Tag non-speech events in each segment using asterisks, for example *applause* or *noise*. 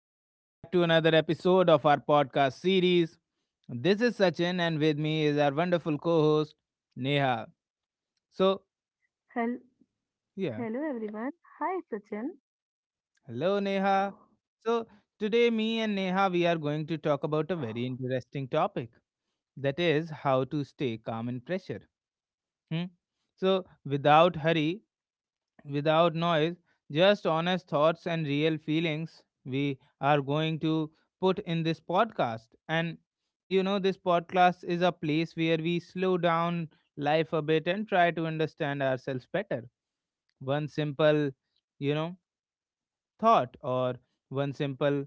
Welcome back to another episode of our podcast series. This is Sachin, and with me is our wonderful co host, Neha. So, Hel- yeah, Hello everyone. Hi Sachin. hello, Neha. So, today, me and Neha, we are going to talk about a very interesting topic that is, how to stay calm in pressure. Hmm? So, without hurry, without noise, just honest thoughts and real feelings we are going to put in this podcast. And this podcast is a place where we slow down life a bit and try to understand ourselves better. One simple, you know, thought or one simple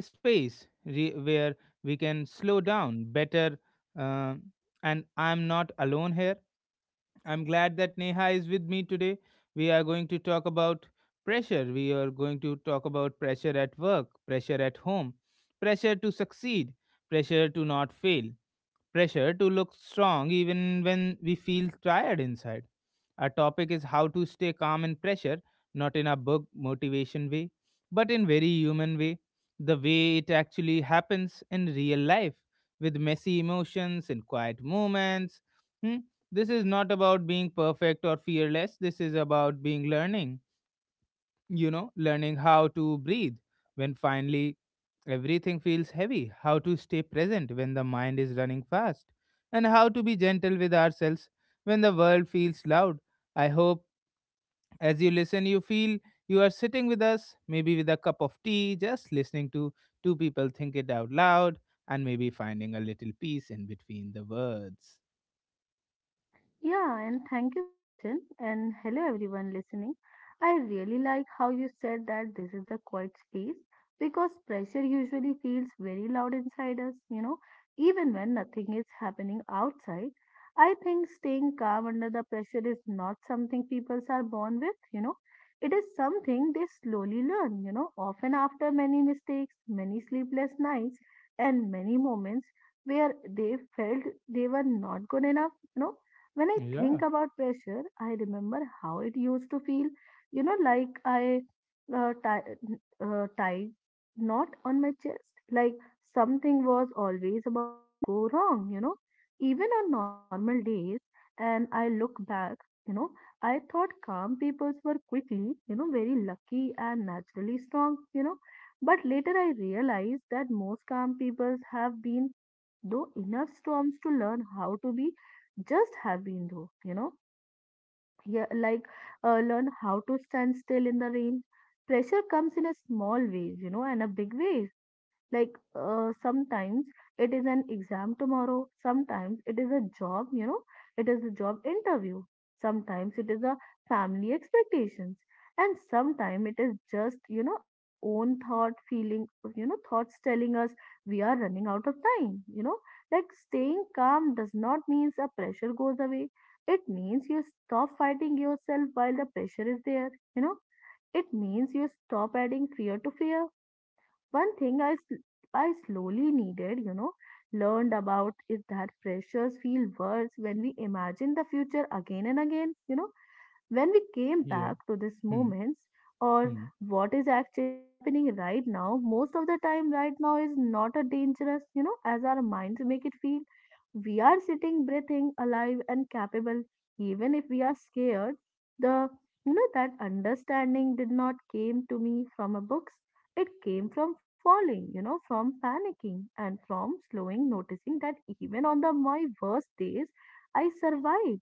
space where we can slow down better. Uh, and I'm not alone here. I'm glad that Neha is with me today. We are going to talk about pressure. We are going to talk about pressure at work, pressure at home, pressure to succeed, pressure to not fail, pressure to look strong even when we feel tired inside. Our topic is how to stay calm in pressure, not in a book motivation way, but in very human way, the way it actually happens in real life with messy emotions and quiet moments. Hmm? This is not about being perfect or fearless. This is about being learning, learning how to breathe when finally everything feels heavy, how to stay present when the mind is running fast, and how to be gentle with ourselves when the world feels loud. I hope as you listen, you feel you are sitting with us, maybe with a cup of tea, just listening to two people think it out loud, and maybe finding a little peace in between the words. Yeah, and thank you, Sachin, and hello everyone listening. I really like how you said that this is a quiet space because pressure usually feels very loud inside us, even when nothing is happening outside. I think staying calm under the pressure is not something people are born with. It is something they slowly learn, often after many mistakes, many sleepless nights, and many moments where they felt they were not good enough. When I Yeah, think about pressure, I remember how it used to feel, like I uh, tie, tie knot on my chest, like something was always about to go wrong, even on normal days. And I look back, you know, I thought calm peoples were quickly, you know, very lucky and naturally strong. But later I realized that most calm peoples have been though enough storms to learn how to be just have been though. Yeah, like learn how to stand still in the rain. Pressure comes in a small ways, you know, and a big ways, like sometimes it is an exam tomorrow, sometimes it is a job, you know, it is a job interview, sometimes it is a family expectations, and sometimes it is just, you know, our own thought feeling, you know, thoughts telling us we are running out of time, you know, like staying calm does not means a pressure goes away, it means you stop fighting yourself while the pressure is there, you know, it means you stop adding fear to fear. One thing I slowly needed, you know, learned about is that pressures feel worse when we imagine the future again and again, you know, when we came yeah. back to these Hmm, moments, or hmm, what is actually happening right now. Most of the time, right now is not a dangerous, you know, as our minds make it feel. We are sitting, breathing, alive, and capable, even if we are scared. The that understanding did not came to me from a books, it came from falling, you know, from panicking and from slowing, noticing that even on the my worst days, I survived.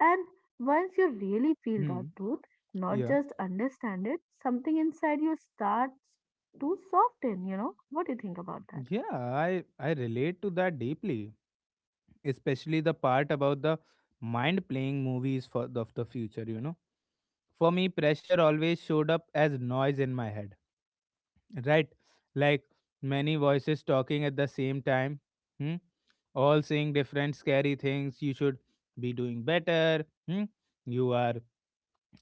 And once you really feel that hmm. truth, not Yeah. just understand it, something inside you starts to soften, you know? What do you think about that? Yeah, I relate to that deeply. Especially the part about the mind playing movies for the, of the future. For me, pressure always showed up as noise in my head, right? Like many voices talking at the same time. Hmm? All saying different scary things. You should be doing better. Hmm? You are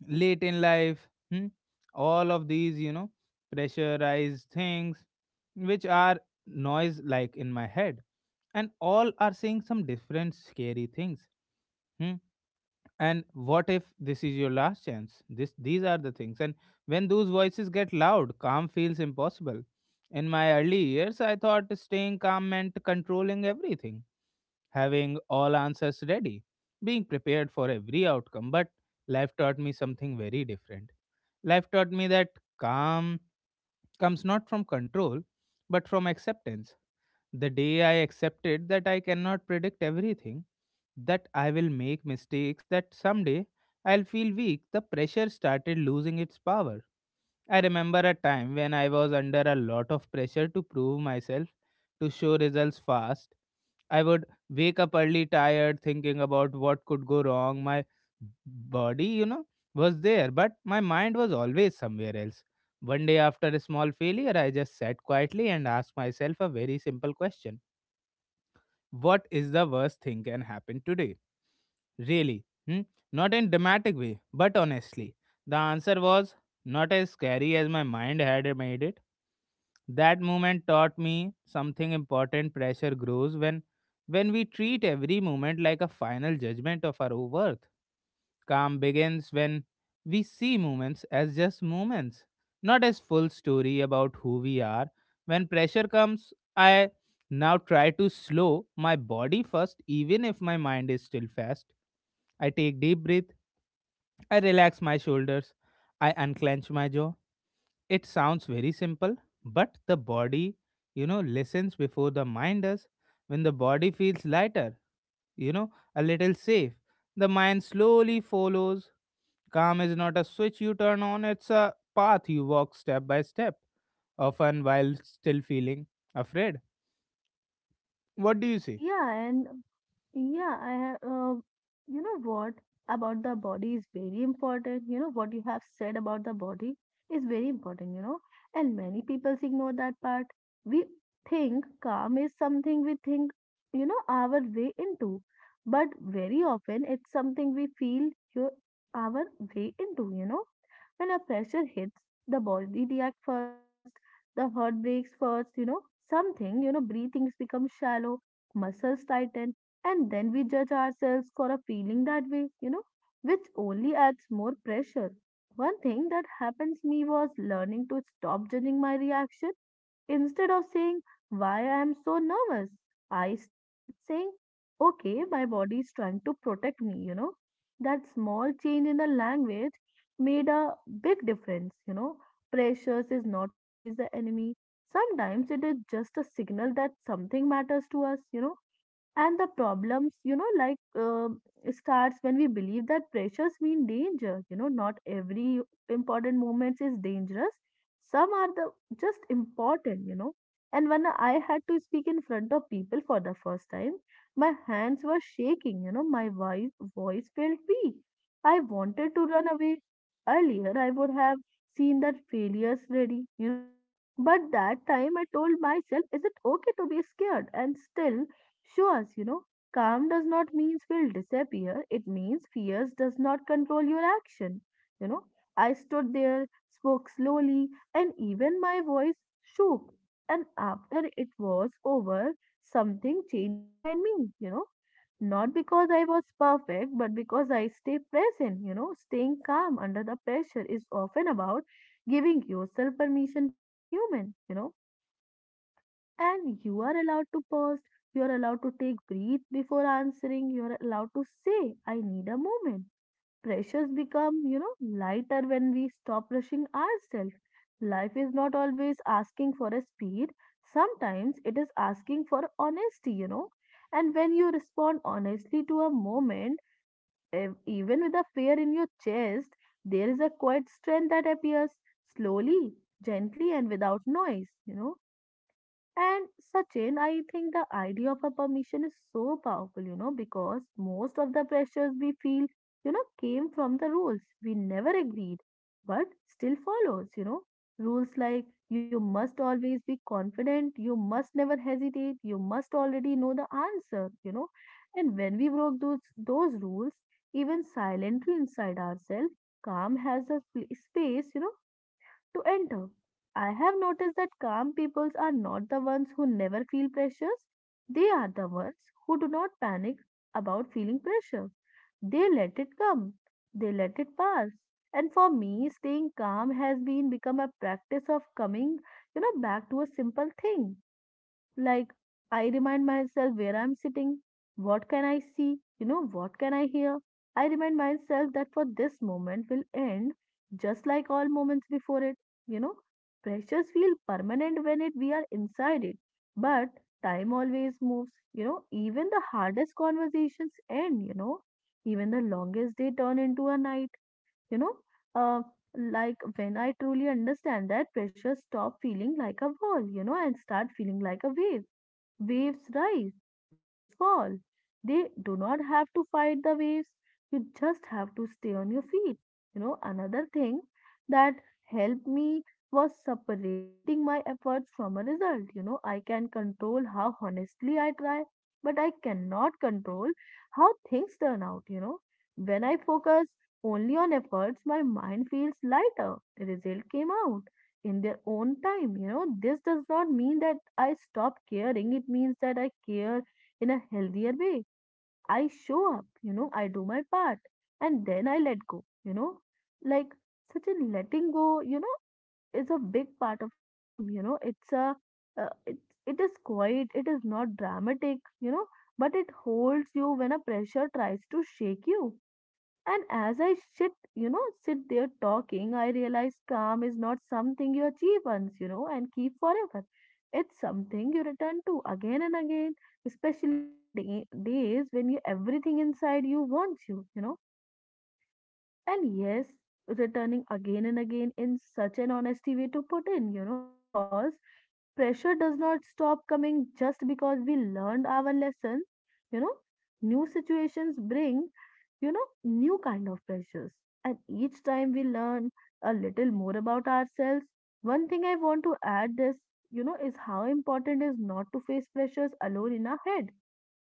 late in life. Hmm? All of these, pressurized things, which are noise like in my head, and all are saying some different scary things. Hmm? And what if this is your last chance? These are the things. And when those voices get loud, calm feels impossible. In my early years, I thought staying calm meant controlling everything, having all answers ready, being prepared for every outcome. But life taught me something very different. Life taught me that calm comes not from control, but from acceptance. The day I accepted that I cannot predict everything, that I will make mistakes, that someday I'll feel weak, the pressure started losing its power. I remember a time when I was under a lot of pressure to prove myself, to show results fast. I would wake up early, tired, thinking about what could go wrong. My body, was there, but my mind was always somewhere else. One day after a small failure, I just sat quietly and asked myself a very simple question: what is the worst thing can happen today? Really? Hmm? Not in dramatic way, but honestly. The answer was not as scary as my mind had made it. That moment taught me something important: pressure grows when we treat every moment like a final judgment of our worth. Calm begins when we see moments as just moments, not as full story about who we are. When pressure comes, I now try to slow my body first, even if my mind is still fast. I take deep breath. I relax my shoulders. I unclench my jaw. It sounds very simple, but the body, listens before the mind does. When the body feels lighter, a little safe. The mind slowly follows. Calm is not a switch you turn on, it's a path you walk step by step, often while still feeling afraid. What do you say? Yeah, and yeah, I have, you know what about the body is very important. You know what you have said about the body is very important, you know, and many people ignore that part. We think calm is something we think, you know, our way into, but very often it's something we feel your our way into, you know. When a pressure hits, the body reacts first, the heart breaks first, you know, something, you know, breathings become shallow, muscles tighten, and then we judge ourselves for a feeling that way, you know, which only adds more pressure. One thing that happens me was learning to stop judging my reaction. Instead of saying why I am so nervous, I started saying okay my body is trying to protect me, you know, that small change in the language made a big difference, you know. Pressures is not always the enemy, sometimes it is just a signal that something matters to us, you know. And the problems, you know, like starts when we believe that pressures mean danger. You know, not every important moment is dangerous. Some are the just important, you know. And when I had to speak in front of people for the first time, my hands were shaking. You know, my voice felt weak. I wanted to run away. Earlier, I would have seen that failures ready. You know, but that time I told myself, "Is it okay to be scared?" And still. Sure, you know, calm does not means will disappear. It means fears does not control your action. You know, I stood there, spoke slowly, and even my voice shook. And after it was over, something changed inside me, you know. Not because I was perfect, but because I stay present, you know, staying calm under the pressure is often about giving yourself permission to be a human, you know, and you are allowed to pause, you are allowed to take breath before answering, you are allowed to say, I need a moment. Pressures become, you know, lighter when we stop rushing ourselves. Life is not always asking for a speed, sometimes it is asking for honesty, you know. And when you respond honestly to a moment, even with a fear in your chest, there is a quiet strength that appears slowly, gently, and without noise, you know. And Sachin, I think the idea of a permission is so powerful, you know, because most of the pressures we feel, you know, came from the rules we never agreed, but still follows, you know. Rules like you must always be confident, you must never hesitate, you must already know the answer, you know. And when we broke those rules, even silently inside ourselves, calm has a space, you know, to enter. I have noticed that calm peoples are not the ones who never feel pressures. They are the ones who do not panic about feeling pressure. They let it come. They let it pass. And for me, staying calm has been become a practice of coming, you know, back to a simple thing. Like, I remind myself where I'm sitting, what can I see, you know, what can I hear. I remind myself that for this moment will end just like all moments before it, you know. Pressures feel permanent when it we are inside it, but time always moves, you know. Even the hardest conversations end, you know. Even the longest day turn into a night, you know. Uh, like when I truly understand that pressure stop feeling like a wall, you know, and start feeling like a wave. Waves rise, waves fall. They do not have to fight the waves. You just have to stay on your feet. You know, another thing that helped me was separating my efforts from a result. You know, I can control how honestly I try, but I cannot control how things turn out. You know, when I focus only on efforts, my mind feels lighter, result came out in their own time, you know. This does not mean that I stop caring, it means that I care in a healthier way. I show up, you know, I do my part, and then I let go, you know, like such a letting go, you know, is a big part of a calm, you know, it's a uh, it, it is quiet, it is not dramatic, you know, but it holds you when a pressure tries to shake you. And as I sit, you know, sit there talking, I realize calm is not something you achieve once, you know, and keep forever. It's something you return to again and again, especially on the day, days when you everything inside you wants you, you know. And yes, returning again and again in such an honesty way to put in, you know, because pressure does not stop coming just because we learned our lesson, you know. New situations bring, you know, new kind of pressures, and each time we learn a little more about ourselves. One thing I want to add this, you know, is how important is not to face pressures alone in our head, you know,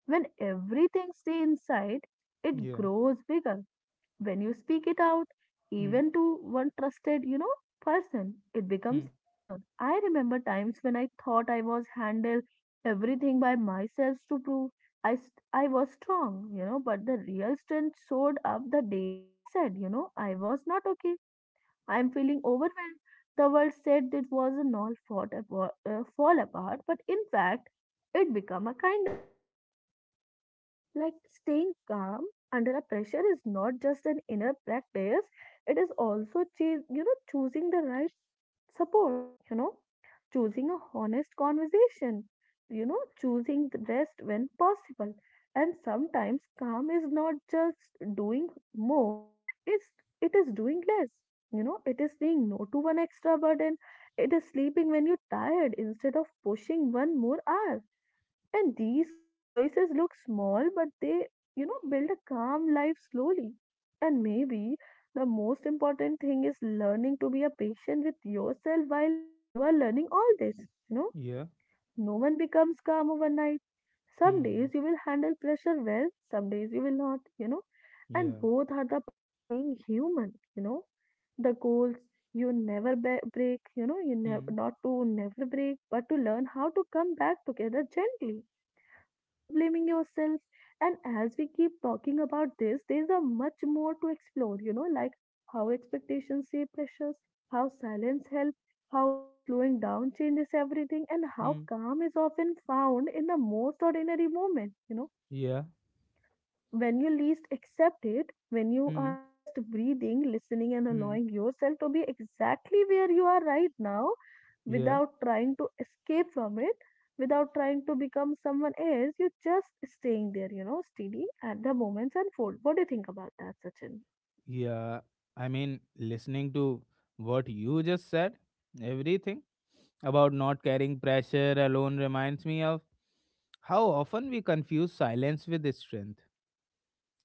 when everything stay inside, it Yeah. grows bigger. When you speak it out, Hmm. even to one trusted, you know, person, it becomes Hmm. lighter. I remember times when I thought I was handled everything by myself to prove I was strong, you know, but the real strength showed up the day I said, you know, I was not okay. I'm feeling overwhelmed. The world said it was an all fall apart, but in fact, it became a kind of like staying calm under a pressure is not just an inner practice, it is also, you know, choosing the right support, you know, choosing a honest conversation, you know, choosing the rest when possible. And sometimes calm is not just doing more, it's it is doing less. You know, it is saying no to one extra burden. It is sleeping when you're tired instead of pushing one more hour, and these choices look small, but they, you know, build a calm life slowly. And maybe the most important thing is learning to be a patient with yourself while you are learning all this. You know, Yeah. no one becomes calm overnight. Some days Hmm. you will handle pressure well, some days you will not, you know, and Yeah. both are the part of being human, you know. The goals you never be- break, you know, you never Hmm. not to never break, but to learn how to come back together gently without blaming yourself. And as we keep talking about this, there's a much more to explore, you know, like how expectations shape pressures, how silence helps, how slowing down changes everything, and how Hmm. calm is often found in the most ordinary moment, you know, Yeah. when you least accept it, when you are Hmm. just breathing, listening, and Hmm. allowing yourself to be exactly where you are right now Yeah. without trying to escape from it, without trying to become someone else, you're just staying there, you know, steady at the moments unfold. What do you think about that, Sachin? Yeah. I mean, listening to what you just said, everything about not carrying pressure alone reminds me of how often we confuse silence with strength.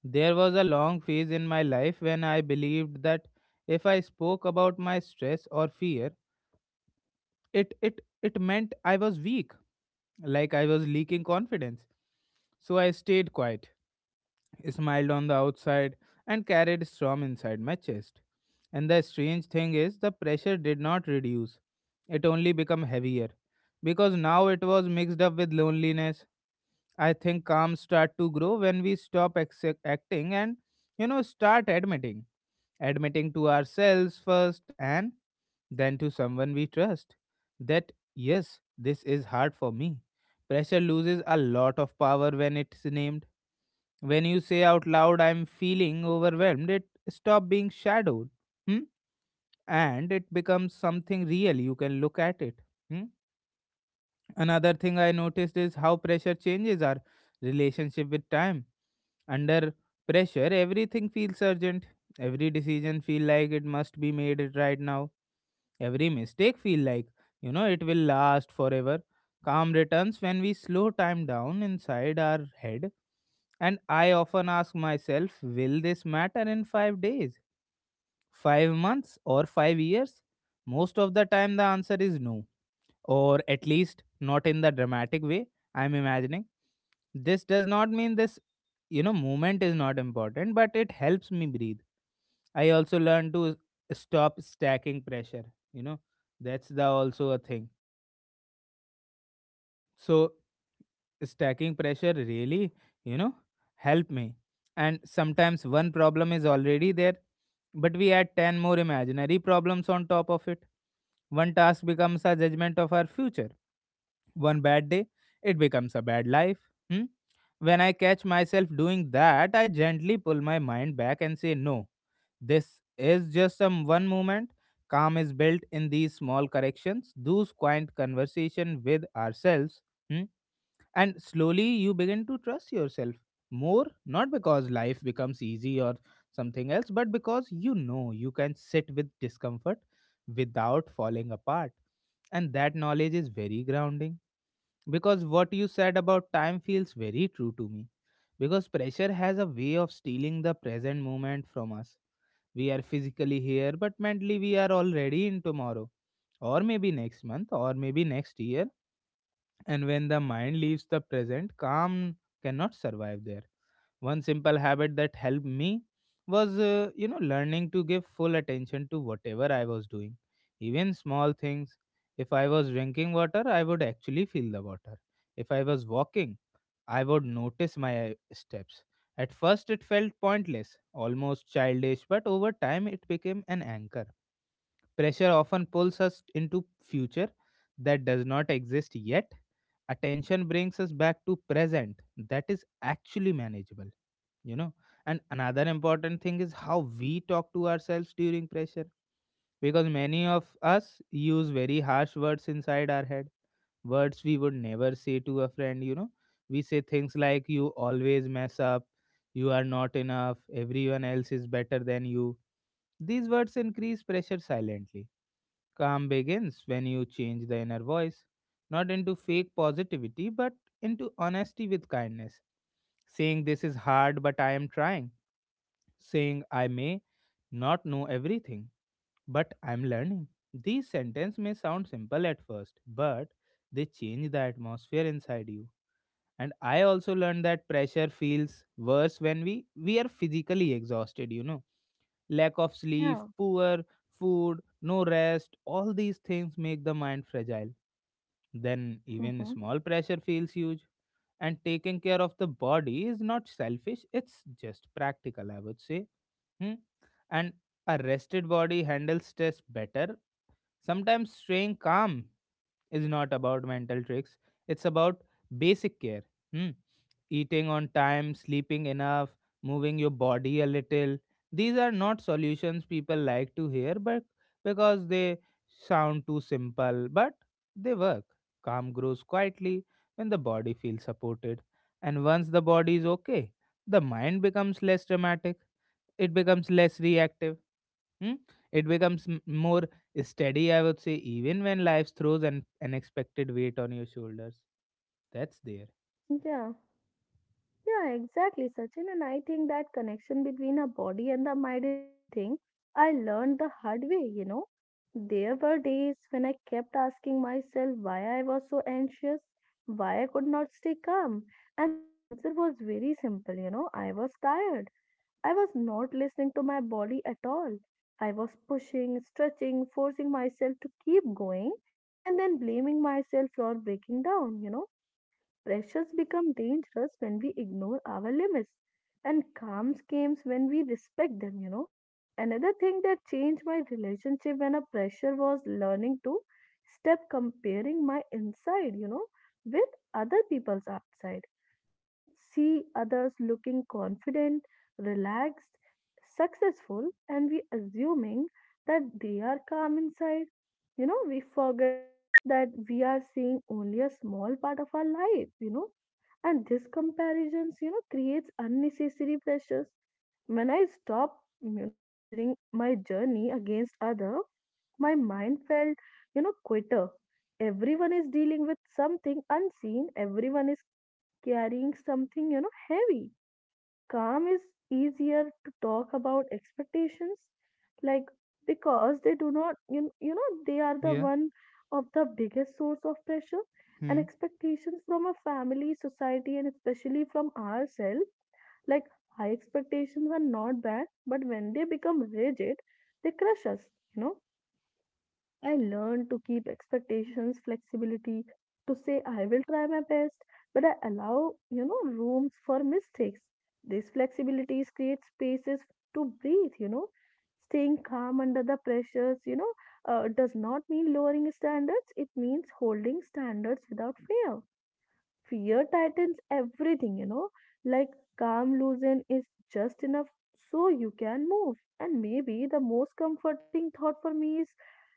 There was a long phase in my life when I believed that if I spoke about my stress or fear, it meant I was weak, like I was leaking confidence. So I stayed quiet, smiled on the outside, and carried storm inside my chest. And the strange thing is, the pressure did not reduce, it only became heavier because now it was mixed up with loneliness. I think calm start to grow when we stop acting and start admitting to ourselves first and then to someone we trust that yes, this is hard for me. Pressure loses a lot of power when it's named. When you say out loud, I'm feeling overwhelmed, it stop being shadowed. Hmm? And it becomes something real. You can look at it. Hmm? Another thing I noticed is how pressure changes our relationship with time. Under pressure, everything feels urgent. Every decision feel like it must be made it right now. Every mistake feel like, it will last forever. Calm returns when we slow time down inside our head. And I often ask myself, will this matter in 5 days, 5 months, or 5 years? Most of the time, the answer is no, or at least not in the dramatic way I'm imagining. This does not mean this, movement is not important, but it helps me breathe. I also learn to stop stacking pressure. You know, that's the also a thing. So stacking pressure really, you know, help me. And sometimes one problem is already there, but we add ten more imaginary problems on top of it. One task becomes a judgment of our future. One bad day, it becomes a bad life. Hmm? When I catch myself doing that, I gently pull my mind back and say, No, this is just a one moment. Calm is built in these small corrections, those quiet conversation with ourselves. Hmm? And slowly you begin to trust yourself more, not because life becomes easy or something else, but because you know you can sit with discomfort without falling apart. And that knowledge is very grounding, because what you said about time feels very true to me, because pressure has a way of stealing the present moment from us. We are physically here, but mentally we are already in tomorrow, or maybe next month, or maybe next year. And when the mind leaves the present, calm cannot survive there. One simple habit that helped me was, learning to give full attention to whatever I was doing, even small things. If I was drinking water, I would actually feel the water. If I was walking, I would notice my steps. At first, it felt pointless, almost childish, but over time, it became an anchor. Pressure often pulls us into future that does not exist yet. Attention brings us back to present that is actually manageable, you know. And another important thing is how we talk to ourselves during pressure, because many of us use very harsh words inside our head, words we would never say to a friend. We say things like, You always mess up, you are not enough, everyone else is better than you. These words increase pressure silently. Calm begins when you change the inner voice, not into fake positivity, but into honesty with kindness. Saying this is hard, but I am trying. Saying I may not know everything, but I am learning. These sentences may sound simple at first, but they change the atmosphere inside you. And I also learned that pressure feels worse when we are physically exhausted. Lack of sleep, Yeah. poor food, no rest, all these things make the mind fragile. Then even Mm-hmm. small pressure feels huge. And taking care of the body is not selfish, it's just practical, I would say. Hmm? And a rested body handles stress better. Sometimes staying calm is not about mental tricks, it's about basic care. Hmm. Eating on time, sleeping enough, moving your body a little. These are not solutions people like to hear, but because they sound too simple, but they work. Calm grows quietly when the body feels supported. And once the body is okay, the mind becomes less dramatic, it becomes less reactive. Hmm? It becomes more steady, I would say, even when life throws an unexpected weight on your shoulders. That's there. Yeah. Yeah, exactly, Sachin. And I think that connection between our body and the mind is something I learned the hard way, you know. There were days when I kept asking myself why I was so anxious, why I could not stay calm. And the answer was very simple, you know, I was tired. I was not listening to my body at all. I was pushing, stretching, forcing myself to keep going, and then blaming myself for breaking down, you know. Pressures become dangerous when we ignore our limits, and calm schemes when we respect them, you know. Another thing that changed my relationship when a pressure was learning to step comparing my inside, you know, with other people's outside. We see others looking confident, relaxed, successful, and we assuming that they are calm inside, you know. We forget that we are seeing only a small part of our life, you know, and this comparisons, you know, creates unnecessary pressures. When I stop, you know, measuring my journey against other, my mind felt, you know, quitter. Everyone is dealing with something unseen, everyone is carrying something, you know, heavy. Calm is easier to talk about expectations, like, because they do not you, you know, they are the Yeah. one of the biggest source of pressure and Hmm. expectations from a family society and especially from ourselves, like, high expectations are not bad, but when they become rigid they crush us, you know. I learned to keep expectations, flexibility, to say I will try my best, but I allow, you know, rooms for mistakes. These flexibilities create spaces to breathe, you know. Staying calm under the pressures, you know, does not mean lowering standards. It means holding standards without fear. Fear tightens everything, you know. Like calm loosen is just enough so you can move. And maybe the most comforting thought for me is,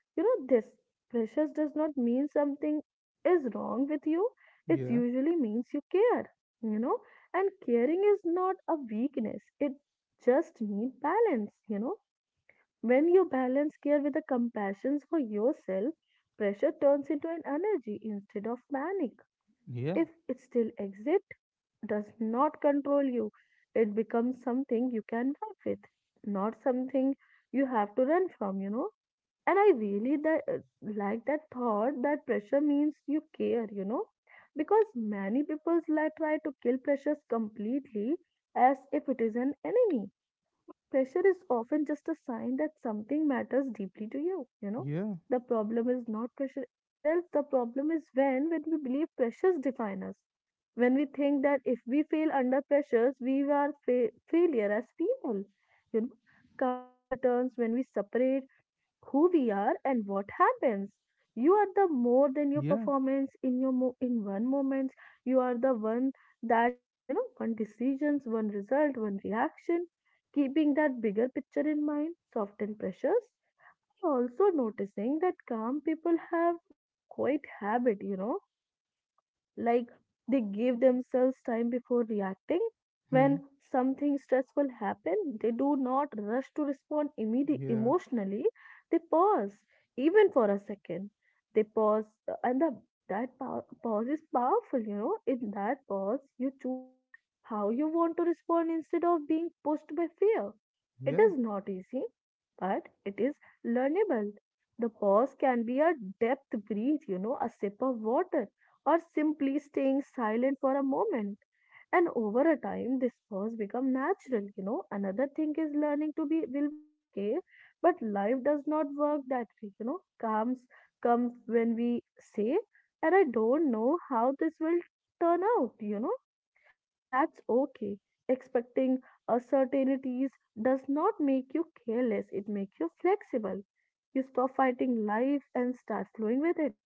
you know, this precious does not mean something is wrong with you. It Yeah. usually means you care, you know, and caring is not a weakness. It just need balance, you know. When you balance care with a compassion for yourself, pressure turns into an energy instead of panic. Yeah. If it still exists, does not control you, it becomes something you can work with, not something you have to run from, you know. And I really that like that thought that pressure means you care, you know, because many people like try to kill pressures completely as if it is an enemy. Pressure is often just a sign that something matters deeply to you, you know. Yeah. The problem is not pressure itself, the problem is when we believe pressures define us, when we think that if we fail under pressures we are failure as people, you know. Calms returns when we separate who we are and what happens. You are the more than your Yeah. performance in your in one moment. You are the one that, you know, one decisions, one result, one reaction. Keeping that bigger picture in mind, soften pressures. Also noticing that calm people have one quiet habit, you know, like they give themselves time before reacting. Hmm. When something stressful happen, they do not rush to respond immediately Yeah. emotionally. They pause, even for a second. They pause, and the, that pause is powerful. You know, in that pause, you choose how you want to respond instead of being pushed by fear. It Yeah. is not easy, but it is learnable. The pause can be a depth breath, you know, a sip of water, or simply staying silent for a moment. And over a time, this first become natural, you know. Another thing is learning to be will be okay, but life does not work that way, you know. Comes when we say, and I don't know how this will turn out, you know, and that's okay. Expecting uncertainties does not make you careless, it makes you flexible. You stop fighting life and start flowing with it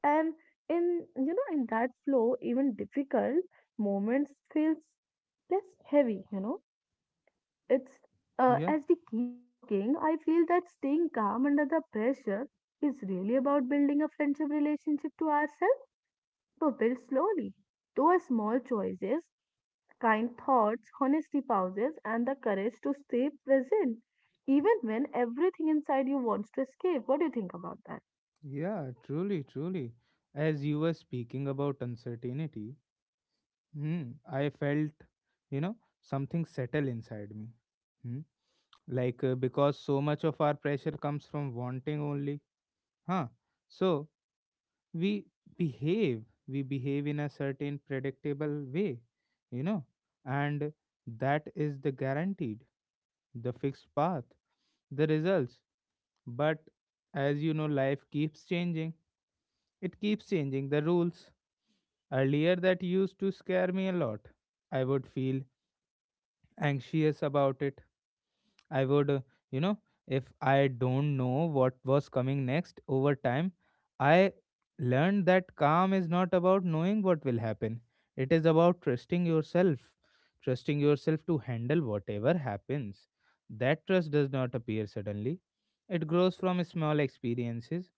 and in, you know, in that flow, even difficult moments feels less heavy, you know. It's Yeah. as we keep talking, I feel that staying calm under the pressure is really about building a friendship relationship to ourselves, but build slowly. Those small choices, kind thoughts, honesty pauses, and the courage to stay present, even when everything inside you wants to escape. What do you think about that? Yeah. Truly. Truly. As you were speaking about uncertainty, hmm, I felt, you know, something settle inside me. Hmm. Like because so much of our pressure comes from wanting only, huh? So we behave we behave in a certain predictable way, you know, and that is the guaranteed, the fixed path, the results. But as you know, life keeps changing. It keeps changing the rules. Earlier, that used to scare me a lot. I would feel anxious about it. I would, you know, If I don't know what was coming next, over time, I learned that calm is not about knowing what will happen. It is about trusting yourself to handle whatever happens. That trust does not appear suddenly. It grows from small experiences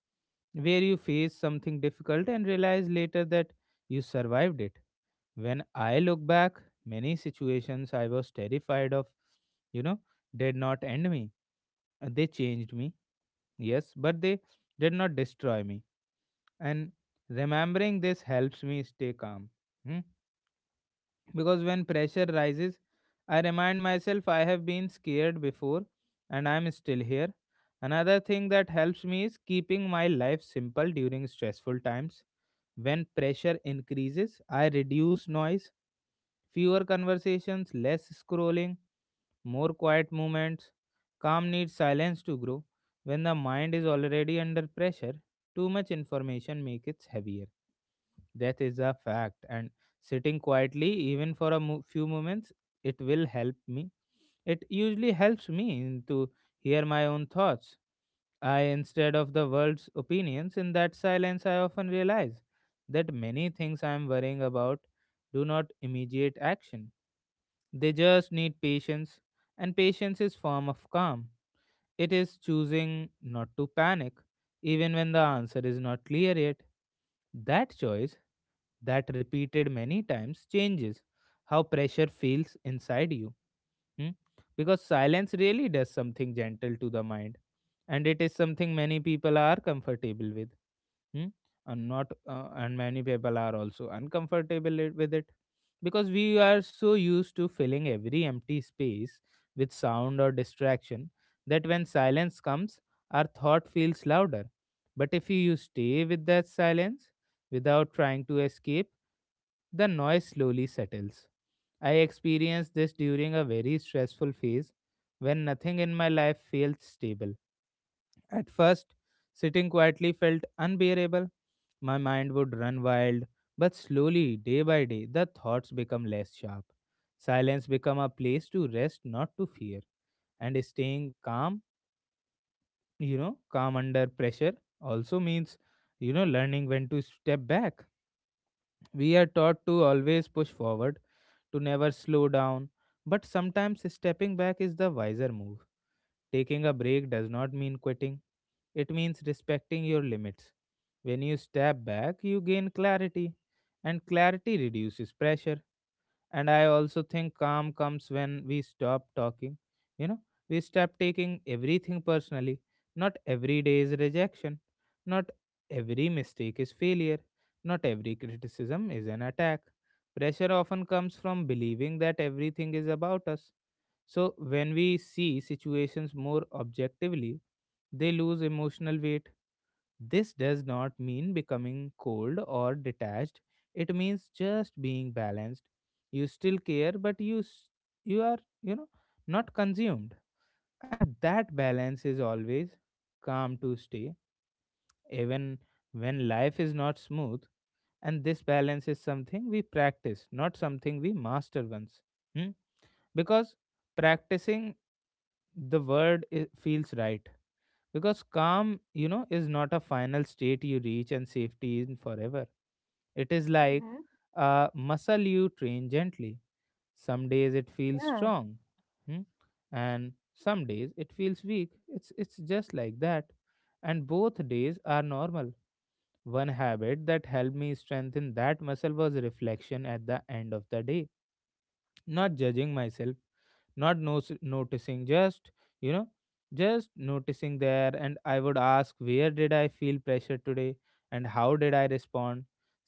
where you face something difficult and realize later that you survived it. When I look back, many situations I was terrified of, you know, did not end me. They changed me, yes, but they did not destroy me. And remembering this helps me stay calm. Hmm? Because when pressure rises, I remind myself I have been scared before, and I'm still here. Another thing that helps me is keeping my life simple during stressful times. When pressure increases, I reduce noise. Fewer conversations, less scrolling, more quiet moments. Calm needs silence to grow. When the mind is already under pressure, too much information makes it heavier. That is a fact. And sitting quietly, even for few moments, it will help me. It usually helps me to hear my own thoughts, I, instead of the world's opinions. In that silence, I often realize that many things I am worrying about do not immediate action. They just need patience, and patience is form of calm. It is choosing not to panic, even when the answer is not clear yet. That choice, that repeated many times, changes how pressure feels inside you. Hmm? Because silence really does something gentle to the mind, and it is something many people are comfortable with. Hmm? And not and many people are also uncomfortable with it, because we are so used to filling every empty space with sound or distraction, that when silence comes, our thought feels louder. But if you stay with that silence, without trying to escape, the noise slowly settles. I experienced this during a very stressful phase, when nothing in my life felt stable. At first, sitting quietly felt unbearable. My mind would run wild, but slowly, day by day, the thoughts become less sharp. Silence become a place to rest, not to fear. And staying calm, you know, calm under pressure also means, you know, learning when to step back. We are taught to always push forward, to never slow down, but sometimes stepping back is the wiser move. Taking a break does not mean quitting, it means respecting your limits. When you step back, you gain clarity, and clarity reduces pressure. And I also think calm comes when we stop talking. You know, we stop taking everything personally. Not every day is rejection. Not every mistake is failure. Not every criticism is an attack. Pressure often comes from believing that everything is about us. So when we see situations more objectively, they lose emotional weight. This does not mean becoming cold or detached. It means just being balanced. You still care, but you are, you know, not consumed, and that balance is always calm to stay, even when life is not smooth. And this balance is something we practice, not something we master once. Hmm? Because practicing, feels right, because calm, you know, is not a final state you reach and safety in forever. It is like Hmm. a muscle you train gently. Some days it feels Yeah. strong, hmm, and some days it feels weak. It's just like that, and both days are normal. One habit that helped me strengthen that muscle was reflection at the end of the day. Not judging myself, not nos- noticing, just, you know, just noticing there. And I would ask, where did I feel pressure today, and how did I respond?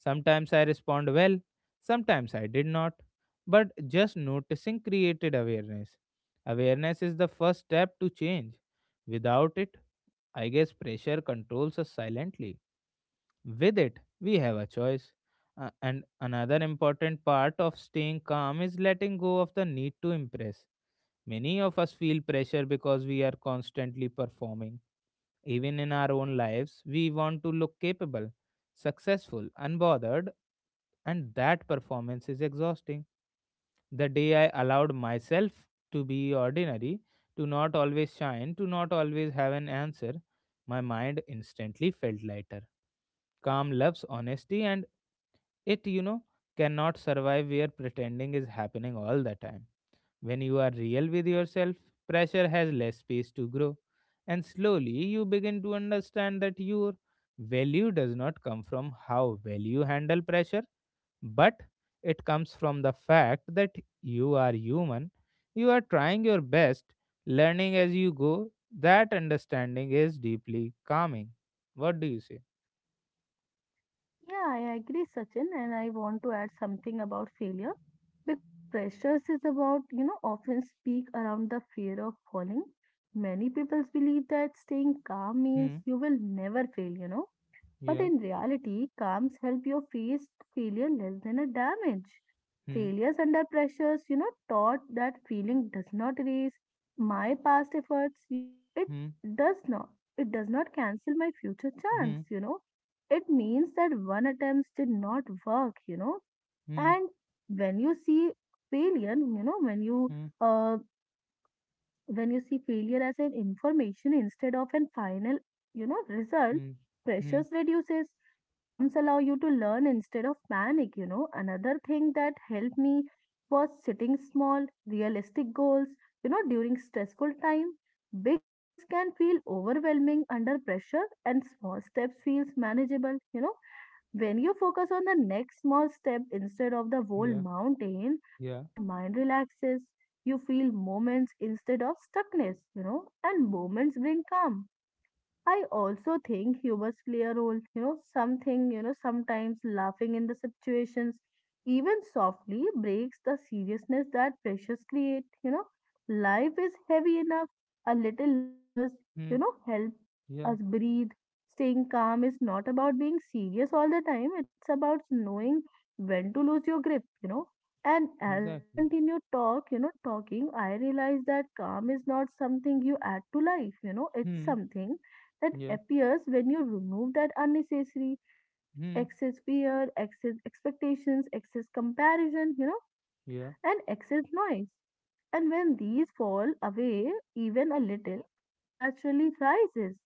Sometimes I respond well, sometimes I did not, but just noticing created awareness. Awareness is the first step to change. Without it, I guess, pressure controls us silently. With it, we have a choice. And another important part of staying calm is letting go of the need to impress. Many of us feel pressure because we are constantly performing. Even in our own lives, we want to look capable, successful, unbothered, and that performance is exhausting. The day I allowed myself to be ordinary, to not always shine, to not always have an answer, my mind instantly felt lighter. Calm loves honesty and it, you know, cannot survive where pretending is happening all the time. When you are real with yourself, pressure has less space to grow, and slowly you begin to understand that your value does not come from how well you handle pressure, but it comes from the fact that you are human, you are trying your best, learning as you go. That understanding is deeply calming. What do you say? Yeah, I agree, Sachin, and I want to add something about failure because pressures is about, you know, often speak around the fear of falling. Many people believe that staying calm means Hmm. you will never fail, you know, but Yeah. in reality, calms help you face failure less than a damage. Hmm. Failures under pressures, you know, taught that feeling does not erase my past efforts, you know, it Hmm. does not. It does not cancel my future chance, Hmm. you know. It means that one attempt did not work, you know. Hmm. And when you see failure, you know, Hmm. uh, when you see failure as an information instead of an final, you know, result, Hmm. Hmm. pressures reduces. Calms allow you to learn instead of panic, you know. Another thing that helped me was setting small realistic goals, you know, during stressful time. Big goals can feel overwhelming under pressure and small steps feels manageable, you know. When you focus on the next small step instead of the whole Yeah. mountain, Yeah. the mind relaxes. You feel moments instead of stuckness, you know, and moments bring calm. I also think humors play a role, you know, something, you know, sometimes laughing in the situations, even softly, breaks the seriousness that pressures create, you know. Life is heavy enough, a little lighters, you Hmm. know, help Yeah. us breathe. Staying calm is not about being serious all the time, it's about knowing when to lose your grip, you know. And as we Exactly. continue talk, you know, talking, I realize that calm is not something you add to life, you know, it's Hmm. something that Yeah. appears when you remove that unnecessary, excess Hmm. fear, excess expectations, excess comparison, you know, Yeah. and excess noise. And when these fall away even a little, calm naturally rises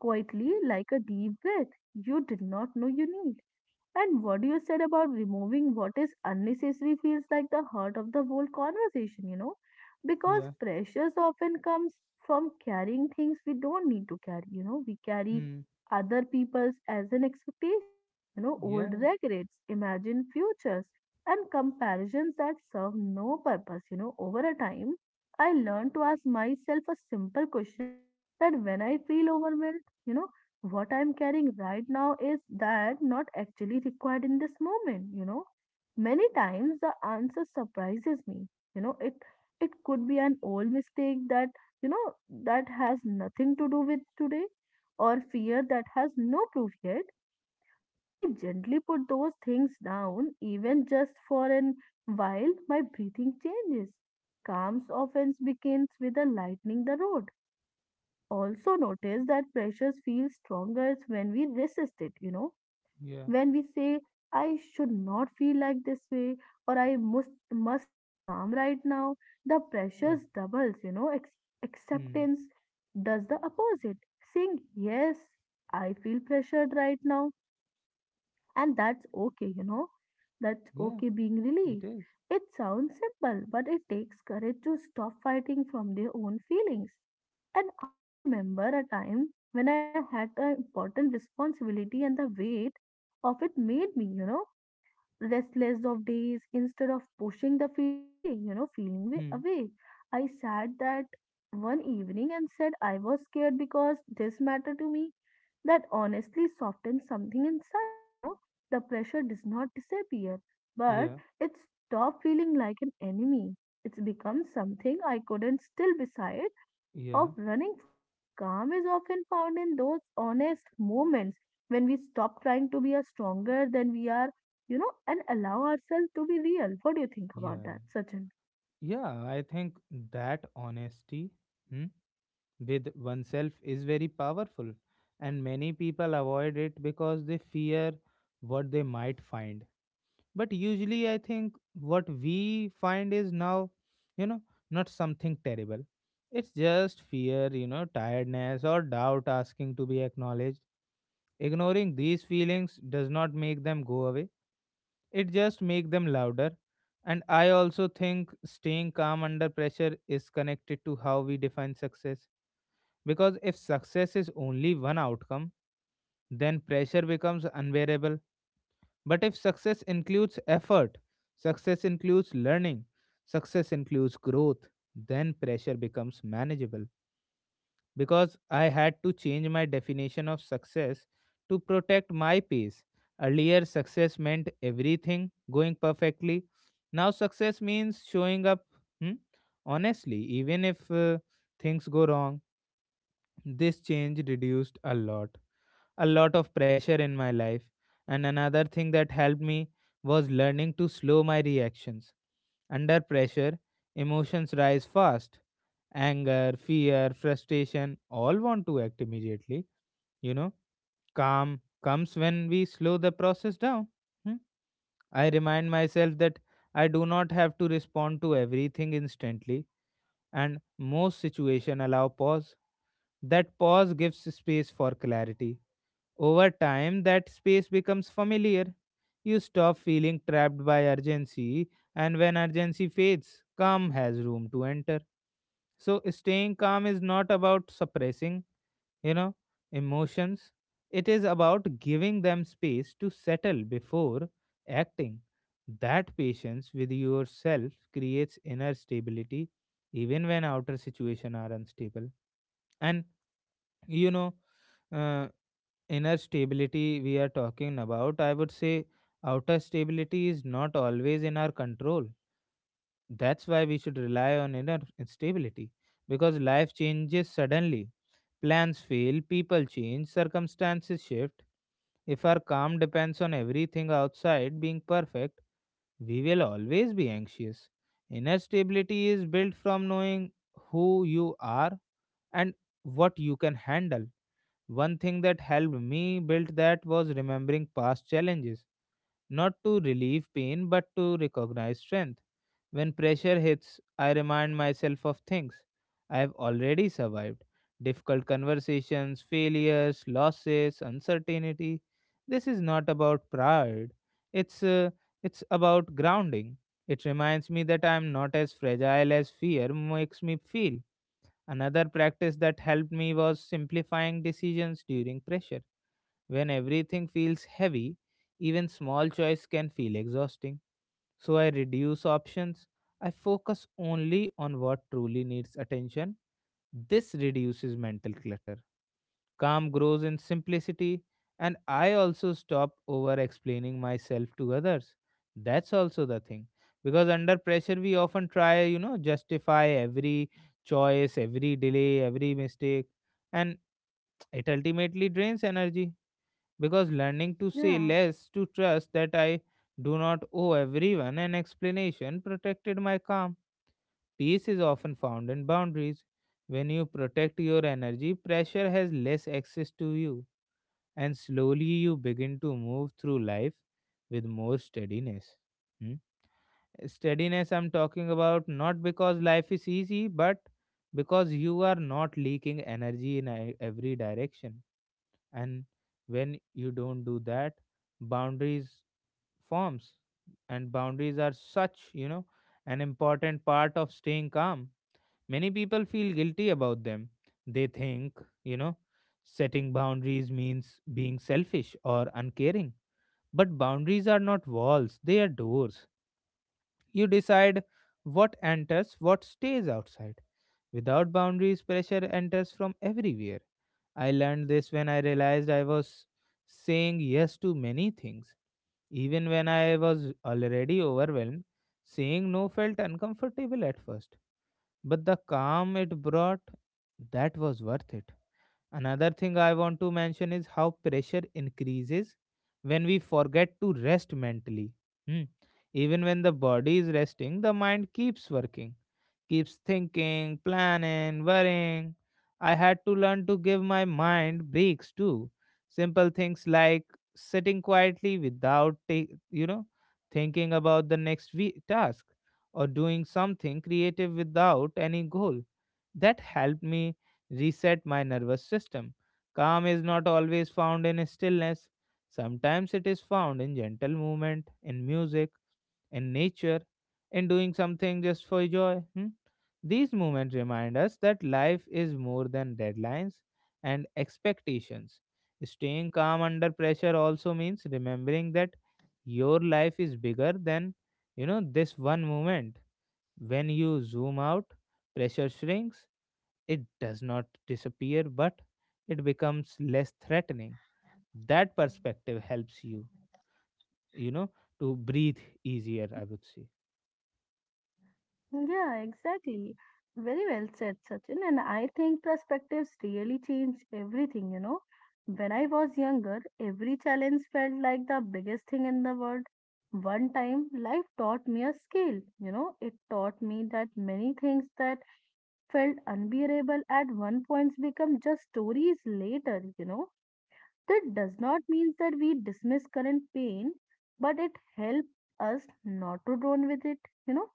quietly like a deep breath you did not know you need. And what you said about removing what is unnecessary feels like the heart of the whole conversation, you know, because Yeah. pressures often comes from carrying things we don't need to carry, you know, we carry Hmm. other people's as an expectations, you know, old Yeah. regrets, imagined futures, and comparisons that serve no purpose, you know, over a time. I learned to ask myself a simple question that when I feel overwhelmed, you know, what I'm carrying right now is that not actually required in this moment, you know. Many times the answer surprises me. You know, it could be an old mistake that, you know, that has nothing to do with today or fear that has no proof yet. When I gently put those things down, even just for an while, my breathing changes. Calm often begins with a lightening the road. I also notice that pressures feel stronger when we resist it, you know, Yeah. when we say, I should not feel like this way, or I must be calm right now. The Yeah. pressures doubles, you know, Hmm. acceptance does the opposite. Saying, yes, I feel pressured right now and that's okay, you know. That's Yeah. okay being It relieved. is. It sounds simple, but it takes courage to stop fighting from their own feelings. And I remember a time when I had an important responsibility and the weight of it made me, you know, restless of days instead of pushing the feeding way, you know, feeling way Hmm. away. I sat that one evening and said I was scared because this mattered to me. That honestly softened something inside, you know. The pressure does not disappear, but Yeah. it stopped feeling like an enemy. It's become something I couldn't still beside Yeah. of running from. Calm is often found in those honest moments when we stop trying to be a stronger than we are, you know, and allow ourselves to be real. What do you think about Yeah. that, Sachin? Yeah, I think that honesty, hmm, with oneself is very powerful, and many people avoid it because they fear what they might find. But usually, I think what we find is now, you know, not something terrible. It's just fear, you know, tiredness or doubt asking to be acknowledged. Ignoring these feelings does not make them go away, it just makes them louder. And I also think staying calm under pressure is connected to how we define success. Because if success is only one outcome, then pressure becomes unbearable. But if success includes effort, success includes learning, success includes growth, then pressure becomes manageable. Because I had to change my definition of success to protect my peace. Earlier, success meant everything going perfectly. Now, success means showing up, hmm, honestly, even if things go wrong. This change reduced a lot of pressure in my life. And another thing that helped me was learning to slow my reactions. Under pressure, emotions rise fast. Anger, fear, frustration all want to act immediately. You know, calm comes when we slow the process down. Hmm? I remind myself that I do not have to respond to everything instantly, and most situations allow pause. That pause gives space for clarity. Over time, that space becomes familiar. You stop feeling trapped by urgency, and when urgency fades, calm has room to enter. So staying calm is not about suppressing, you know, emotions. It is about giving them space to settle before acting. That patience with yourself creates inner stability, even when outer situations are unstable. And you know, uh, inner stability we are talking about, I would say, outer stability is not always in our control. That's why we should rely on inner stability, because life changes suddenly. Plans fail, people change, circumstances shift. If our calm depends on everything outside being perfect, we will always be anxious. Inner stability is built from knowing who you are and what you can handle. One thing that helped me build that was remembering past challenges, not to relieve pain but to recognize strength. When pressure hits, I remind myself of things I have already survived: difficult conversations, failures, losses, uncertainty. This is not about pride, it's, uh, it's about grounding. It reminds me that I am not as fragile as fear makes me feel. Another practice that helped me was simplifying decisions during pressure. When everything feels heavy, even small choice can feel exhausting. So I reduce options. I focus only on what truly needs attention. This reduces mental clutter. Calm grows in simplicity. And I also stop over explaining myself to others. That's also the thing. Because under pressure, we often try, you know, justify every choice, every delay, every mistake, and *tsk* it ultimately drains energy. Because learning to say Yeah, less, to trust that I do not owe everyone an explanation, protected my calm. Peace is often found in boundaries. When you protect your energy, pressure has less access to you, and slowly you begin to move through life with more steadiness. Hmm? Steadiness, I'm talking about, not because life is easy, but because you are not leaking energy in every direction. And when you don't do that, boundaries forms, and boundaries are such, you know, an important part of staying calm. Many people feel guilty about them. They think, you know, setting boundaries means being selfish or uncaring. But boundaries are not walls, they are doors. You decide what enters, what stays outside. Without boundaries, pressure enters from everywhere. I learned this when I realized I was saying yes to many things. Even when I was already overwhelmed, saying no felt uncomfortable at first. But the calm it brought, that was worth it. Another thing I want to mention is how pressure increases when we forget to rest mentally. Hmm. Even when the body is resting, the mind keeps working, keeps thinking, planning, worrying. I had to learn to give my mind breaks too. Simple things like sitting quietly without, ta- you know, thinking about the next task or doing something creative without any goal. That helped me reset my nervous system. Calm is not always found in stillness. Sometimes it is found in gentle movement, in music, in nature, and doing something just for joy. Hmm? These moments remind us that life is more than deadlines and expectations. Staying calm under pressure also means remembering that your life is bigger than this one moment. When you zoom out, pressure shrinks. It does not disappear, but it becomes less threatening. That perspective helps you, you know, to breathe easier, I would say. yeah, exactly. Very well said, Sachin. And I think perspectives really change everything, you know. When I was younger, every challenge felt like the biggest thing in the world. One time, life taught me a skill, it taught me that many things that felt unbearable at one point become just stories later, That does not mean that we dismiss current pain, but it helps us not to drown with it, you know.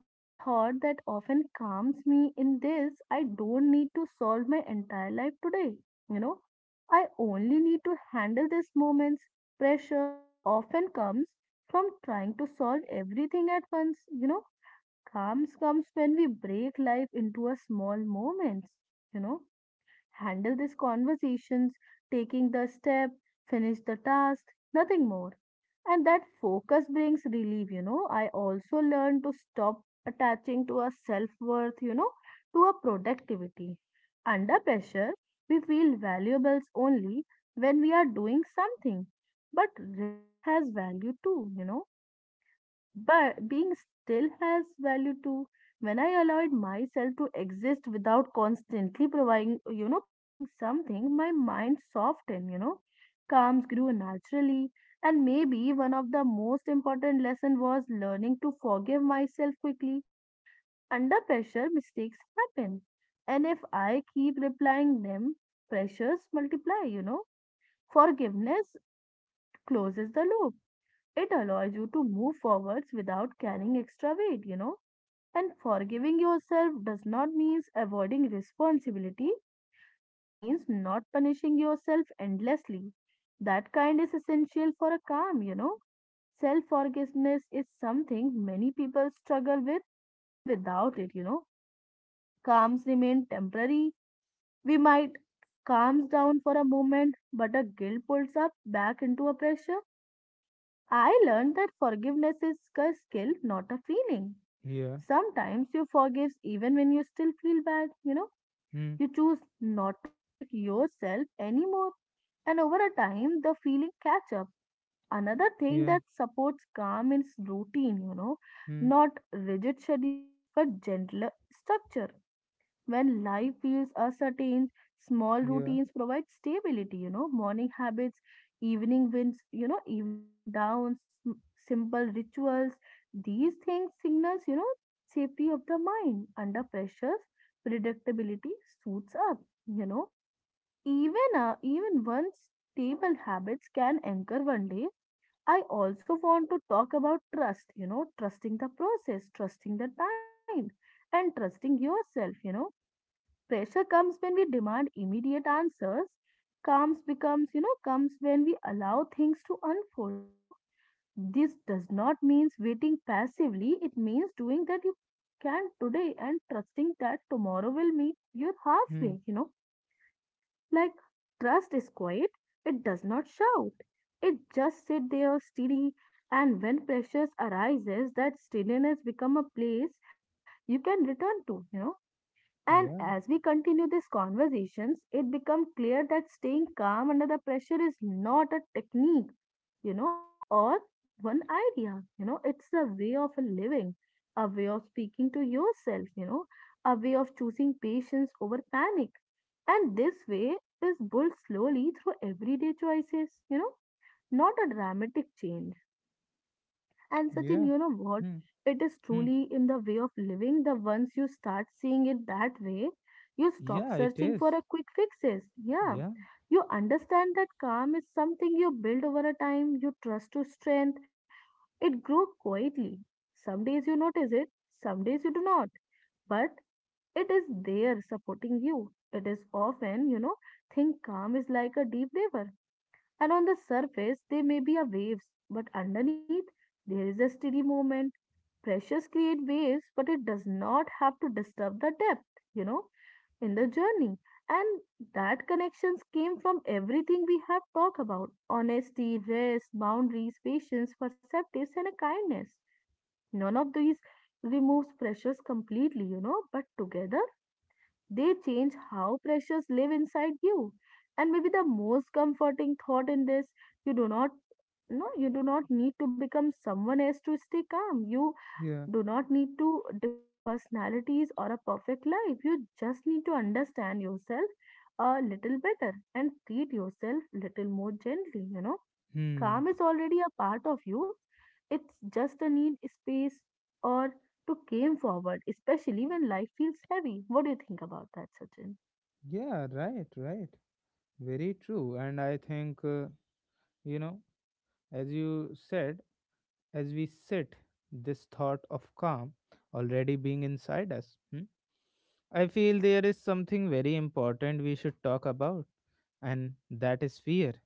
One thought that often calms me in this I don't need to solve my entire life today, you know. I only need to handle these moments. Pressure often comes from trying to solve everything at once, Calms comes when we break life into a small moments, you know, handle these conversations, taking the step, finish the task, nothing more. And that focus brings relief, I also learned to stop attaching to a self worth, to a productivity. Under pressure, we feel valuables only when we are doing something. But rest has value too, but being still has value too. When I allowed myself to exist without constantly providing, proving something, my mind softened, calms grew naturally. And maybe one of the most important lesson was learning to forgive myself quickly. Under pressure, mistakes happen. And if I keep replying them, pressures multiply, Forgiveness closes the loop. It allows you to move forwards without carrying extra weight, and forgiving yourself does not mean avoiding responsibility, it means not punishing yourself endlessly. That kind is essential for a calm, Self forgiveness is something many people struggle with, and without it, calms remain temporary. We might calms down for a moment, but a guilt pulls up back into a pressure. I learned that forgiveness is a skill, not a feeling. Yeah. Sometimes you forgive even when you still feel bad, you know. Hmm. You choose not to attack yourself anymore. And over a time, the feeling catch up. Another thing Yeah. that supports calm is routine, Hmm. not rigid schedules, but gentler structure. When life feels uncertain, small Yeah. routines provide stability, morning habits, evening winds, evening wind downs, simple rituals. These things signals, safety of the mind under pressures, predictability suits up, you know. Even once stable habits can anchor one day. I also want to talk about trust, trusting the process, trusting the time, and trusting yourself, Pressure comes when we demand immediate answers. Calms becomes comes when we allow things to unfold. This does not means waiting passively. It means doing that you can today and trusting that tomorrow will meet you Hmm. halfway. Like trust is quiet, it does not shout, it just sit there steady. And when pressures arises, that steadiness become a place you can return to. And Yeah, as we continue these conversations, it becomes clear that staying calm under the pressure is not a technique, you know, or one idea. It's a way of living, a way of speaking to yourself, a way of choosing patience over panic. And this way is built slowly through everyday choices, not a dramatic change. And Sachin, yeah. you know what? Hmm. It is Hmm. truly in the way of living that once you start seeing it that way, you stop Yeah, it searching for is. a quick fixes. Yeah. Yeah, You understand that calm is something you build over a time, you trust to strength, it grows quietly. Some days you notice it, some days you do not. But it is there supporting you. It is often, think calm is like a deep river. And on the surface, there may be a waves, but underneath, there is a steady movement. Pressures create waves, but it does not have to disturb the depth, you know, in the journey. And that connections came from everything we have talked about honesty, rest, boundaries, patience, perceptives, and a kindness. None of these removes pressures completely, but together they change how pressures live inside you. And maybe the most comforting thought in this, you do not no, you do not need to become someone else to stay calm. You yeah, do not need to different personalities or a perfect life. You just need to understand yourself a little better and treat yourself little more gently, hmm. Calm is already a part of you. It's just a need space or to came forward, especially when life feels heavy. What do you think about that, Sachin? Yeah, right, right. Very true. And I think, you know, as you said, as we sit, this thought of calm already being inside us, I feel there is something very important we should talk about, and that is fear.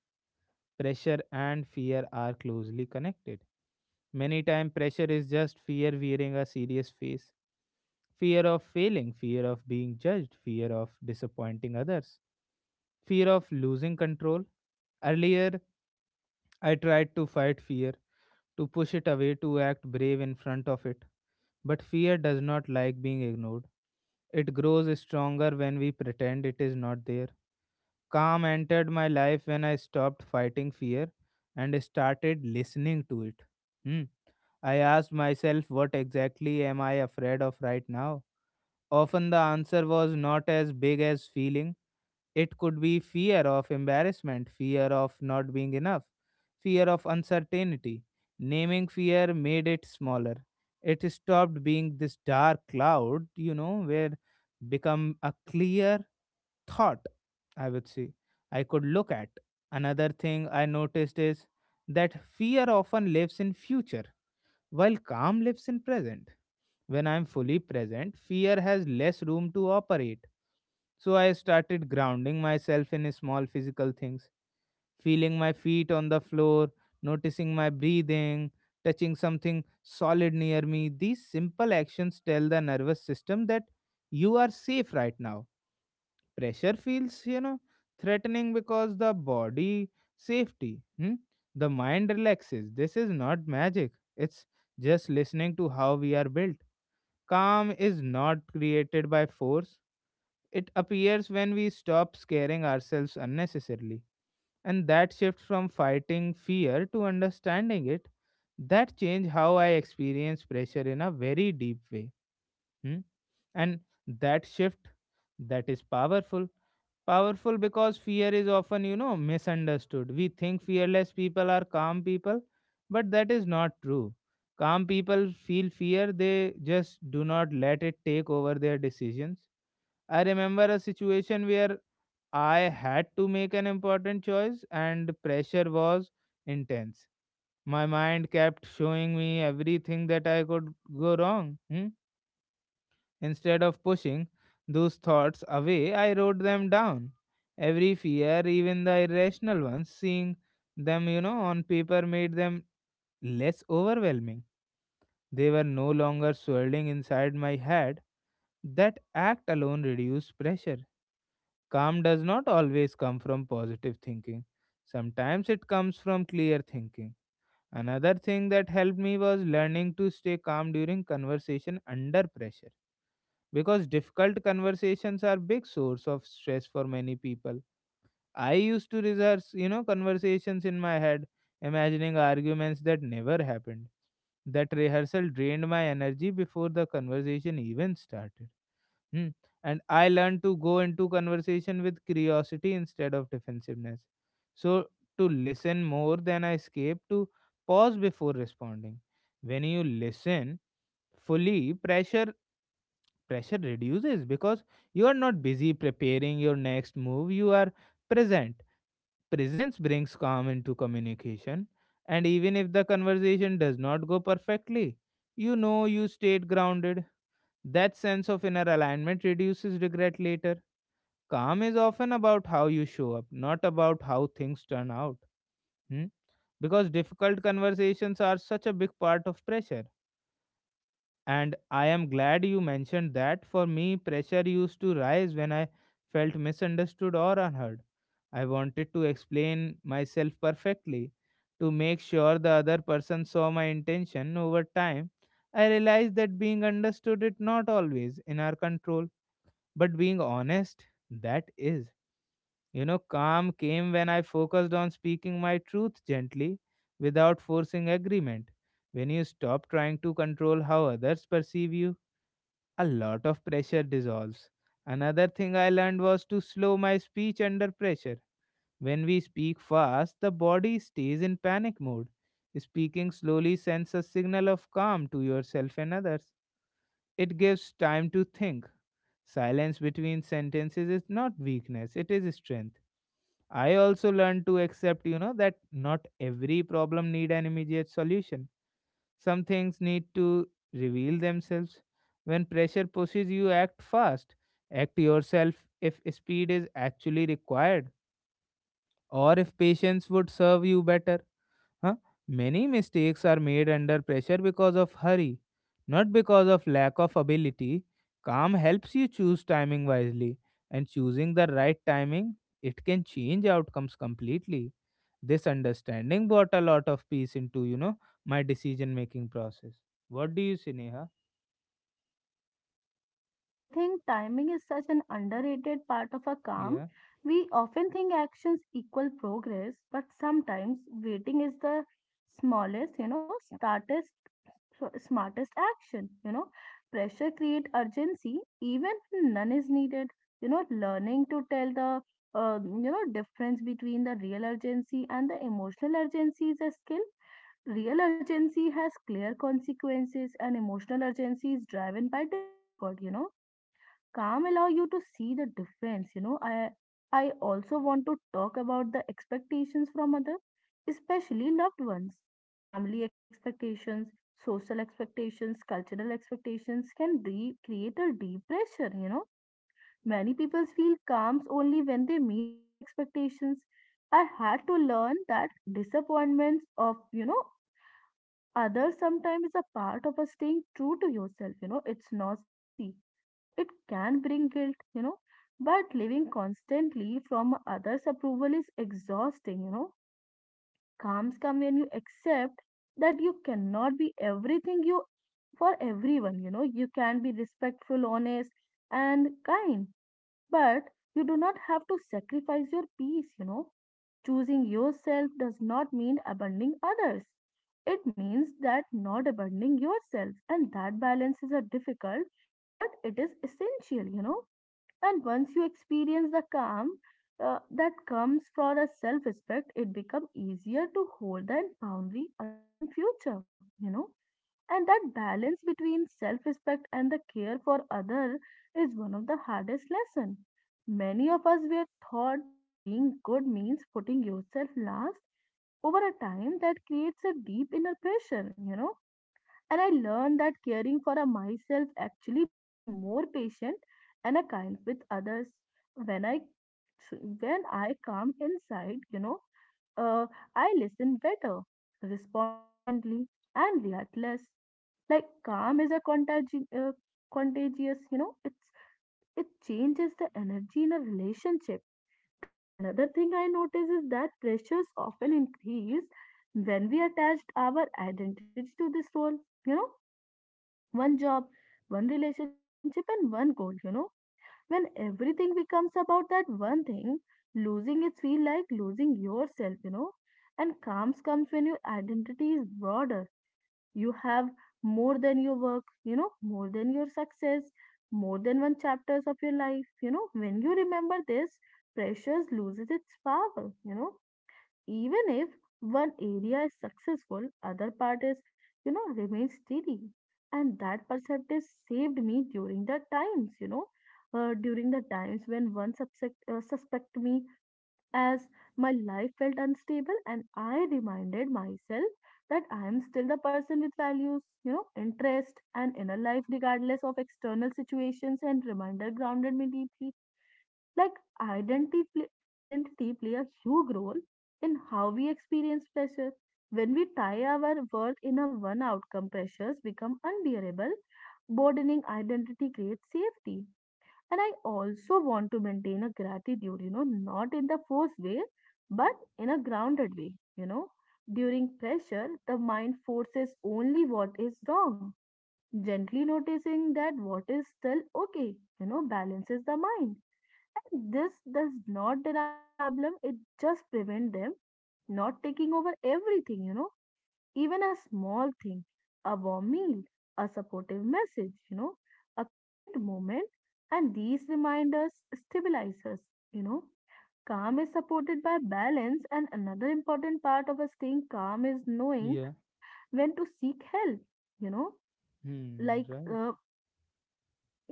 Pressure and fear are closely connected. Many time pressure is just fear wearing a serious face. Fear of failing, fear of being judged, fear of disappointing others, fear of losing control. Earlier, I tried to fight fear, to push it away, to act brave in front of it. But fear does not like being ignored. It grows stronger when we pretend it is not there. Calm entered my life when I stopped fighting fear and started listening to it. Hmm. I asked myself, what exactly am I afraid of right now? Often the answer was not as big as feeling. It could be fear of embarrassment, fear of not being enough, fear of uncertainty. Naming fear made it smaller. It stopped being this dark cloud, where become a clear thought, I would say, I could look at. Another thing I noticed is that fear often lives in future while calm lives in present. When I am fully present, fear has less room to operate. So I started grounding myself in small physical things, feeling my feet on the floor, noticing my breathing, touching something solid near me. These simple actions tell the nervous system that you are safe right now. Pressure feels, threatening because the body safety. Hmm? The mind relaxes. This is not magic, it's just listening to how we are built. Calm is not created by force, it appears when we stop scaring ourselves unnecessarily. And that shift from fighting fear to understanding it, that changed how I experience pressure in a very deep way. Hmm? And that shift, that is powerful. Powerful because fear is often, misunderstood. We think fearless people are calm people, but that is not true. Calm people feel fear, they just do not let it take over their decisions. I remember a situation where I had to make an important choice and pressure was intense. My mind kept showing me everything that I could go wrong. Hmm. Instead of pushing those thoughts away, I wrote them down. Every fear, even the irrational ones, seeing them, on paper made them less overwhelming. They were no longer swirling inside my head. That act alone reduced pressure. Calm does not always come from positive thinking, sometimes it comes from clear thinking. Another thing that helped me was learning to stay calm during conversation under pressure, because difficult conversations are big source of stress for many people. I used to rehearse, conversations in my head, imagining arguments that never happened. That rehearsal drained my energy before the conversation even started. Hmm. And I learned to go into conversation with curiosity instead of defensiveness, so to listen more than I escape, to pause before responding. When you listen fully, pressure reduces because you are not busy preparing your next move, you are present. Presence brings calm into communication, and even if the conversation does not go perfectly, you know you stayed grounded. That sense of inner alignment reduces regret later. Calm is often about how you show up, not about how things turn out. Hmm? Because difficult conversations are such a big part of pressure. And I am glad you mentioned that. For me, pressure used to rise when I felt misunderstood or unheard. I wanted to explain myself perfectly to make sure the other person saw my intention. Over time, I realized that being understood is not always in our control, but being honest, that is. Calm came when I focused on speaking my truth gently without forcing agreement. When you stop trying to control how others perceive you, a lot of pressure dissolves. Another thing I learned was to slow my speech under pressure. When we speak fast, the body stays in panic mode. Speaking slowly sends a signal of calm to yourself and others. It gives time to think. Silence between sentences is not weakness, it is strength. I also learned to accept, that not every problem need an immediate solution. Some things need to reveal themselves. When pressure pushes you, act fast. Act yourself if speed is actually required or if patience would serve you better. Huh? Many mistakes are made under pressure because of hurry, not because of lack of ability. Calm helps you choose timing wisely, and choosing the right timing, it can change outcomes completely. This understanding brought a lot of peace into, my decision making process. What do you say, Neha? Yeah, I think timing is such an underrated part of a calm. Yeah, We often think actions equal progress, but sometimes waiting is the smallest, smartest, smartest action. Pressure create urgency even when none is needed. Learning to tell the difference between the real urgency and the emotional urgency is a skill. Real urgency has clear consequences, and emotional urgency is driven by discomfort. Calm allow you to see the difference I also want to talk about the expectations from other, especially loved ones. Family expectations, social expectations, cultural expectations can create a deep pressure many people feel calm only when they meet those expectations. I had to learn that disappointments of you know others sometimes is a part of a staying true to yourself it's not easy, it can bring guilt, but living constantly from others' approval is exhausting, Calms come when you accept that you cannot be everything you for everyone, you know. You can be respectful, honest, and kind, but you do not have to sacrifice your peace, Choosing yourself does not mean abandoning others. It means that not abandoning yourself, and that balance is a difficult, but it is essential, And once you experience the calm that comes for a self respect, it becomes easier to hold that boundary again in future, And that balance between self respect and the care for other is one of the hardest lesson. Many of us were taught that being good means putting yourself last over a time that creates a deep inner pressure, and I learned that caring for a myself actually made me more patient and a kind with others. When I when I come inside, uh, I listen better, respond more gently, and react less. Like calm is a contagious, you know, it changes the energy in a relationship. And another thing I notice is that pressures often increase when we attach our identity to this role. You know, one job, one relationship, and one goal, When everything becomes about that one thing, losing it feel like losing yourself, And calms comes when your identity is broader. You have more than your work, more than your success, more than one chapters of your life, When you remember this, pressures loses its power, even if one area is successful, other part is remains steady. And that perspective saved me during the times during the times when one suspect me as my life felt unstable, and I reminded myself that I am still the person with values, interest and inner life regardless of external situations, and reminder grounded me deeply. Like identity, identity play a huge role in how we experience pressure. When we tie our worth in a one outcome, pressures become unbearable. Broadening identity creates safety. And I also want to maintain a gratitude, not in the forced way, but in a grounded way, During pressure, the mind forces only what is wrong. Gently noticing that what is still okay, balances the mind, and this does not deny the problem, it just prevents them not taking over everything, even a small thing, a warm meal, a supportive message, a quiet moment. And these reminders stabilize us, you know. Calm is supported by balance, and another important part of us staying calm is knowing yeah, when to seek help, you know, like hmm, uh, right.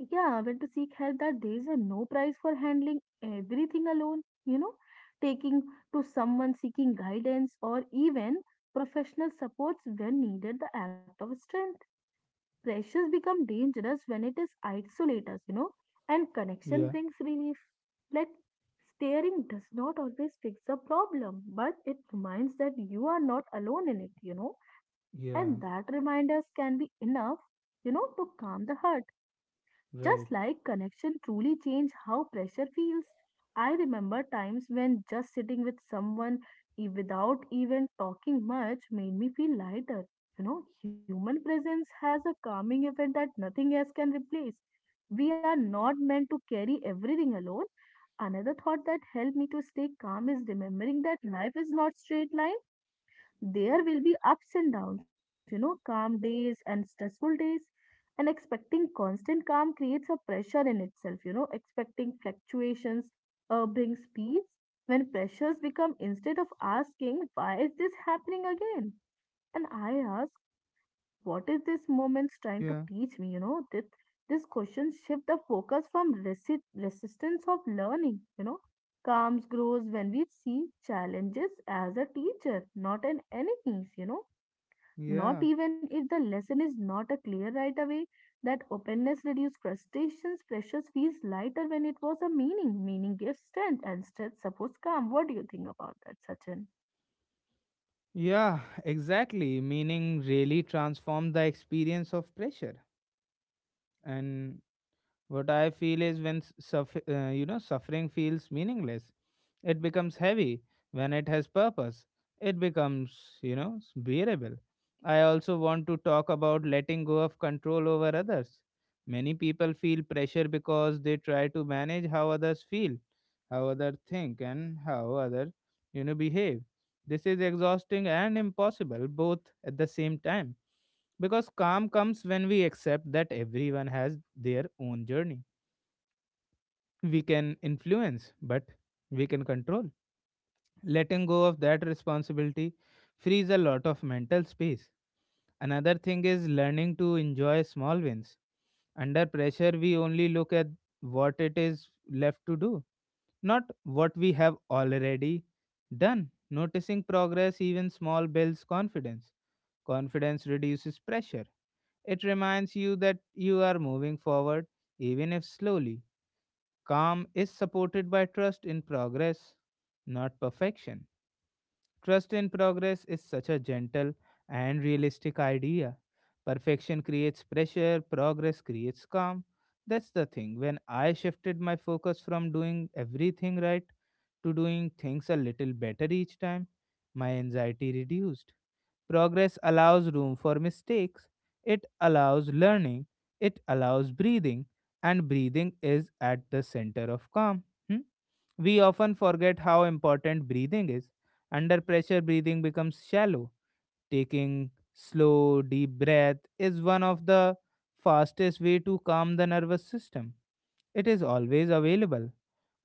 yeah, when to seek help that there is a no price for handling everything alone, taking to someone seeking guidance or even professional supports when needed, the act of strength. Pressures become dangerous when it is isolate us, and connection Yeah, brings relief. Like staring does not always fix the problem, but it reminds that you are not alone in it, and yeah, that reminders can be enough, to calm the heart, just right. like connection truly changed how pressure feels. I remember times when just sitting with someone without even talking much made me feel lighter. You know, human presence has a calming effect that nothing else can replace. We are not meant to carry everything alone. Another thought that helped me to stay calm is remembering that life is not straight line, there will be ups and downs, calm days and stressful days. And expecting constant calm creates a pressure in itself, expecting fluctuations brings peace. When pressures become, instead of asking, why is this happening again? And I ask, what is this moment's trying to Yeah, teach me this question shift the focus from resistance of learning calms grows when we see challenges as a teacher, not an enemies, not yeah, even if the lesson is not a clear right away, that openness reduces crustaceans. Pressures feels lighter when it was a meaning. Meaning gives strength and strength supports calm. What do you think about that, Sachin? yeah, *laughs* exactly. Meaning really transformed the experience of pressure. And what I feel is when suffering feels meaningless, it becomes heavy. When it has purpose, it becomes bearable. I also want to talk about letting go of control over others. Many people feel pressure because they try to manage how others feel, how others think, and how others behave. This is exhausting and impossible both at the same time, because calm comes when we accept that everyone has their own journey. We can influence, but we can control. Letting go of that responsibility frees a lot of mental space. Another thing is learning to enjoy small wins. Under pressure, we only look at what it is left to do, not what we have already done. Noticing progress, even small, builds confidence. Confidence reduces pressure. It reminds you that you are moving forward, even if slowly. Calm is supported by trust in progress, not perfection. Trust in progress is such a gentle and realistic idea. Perfection creates pressure, progress creates calm. That's the thing. When I shifted my focus from doing everything right to doing things a little better each time, my anxiety reduced. Progress allows room for mistakes, it allows learning, it allows breathing, and breathing is at the center of calm. Hmm? We often forget how important breathing is. Under pressure, breathing becomes shallow. Taking slow, deep breath is one of the fastest way to calm the nervous system. It is always available.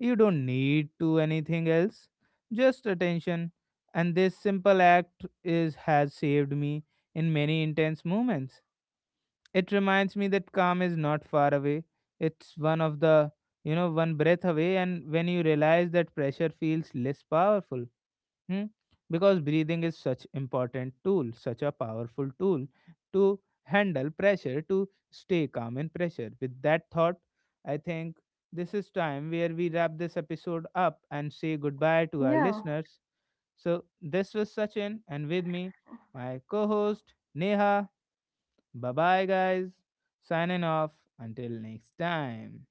You don't need to anything else, just attention. And this simple act is has saved me in many intense moments. It reminds me that calm is not far away. It's one of the one breath away. And when you realize that, pressure feels less powerful. Hmm? Because breathing is such important tool, such a powerful tool to handle pressure, to stay calm in pressure. With that thought, I think this is time where we wrap this episode up and say goodbye to our Yeah. listeners. So this was Sachin and with me, my co-host Neha. Bye bye guys. Signing off until next time.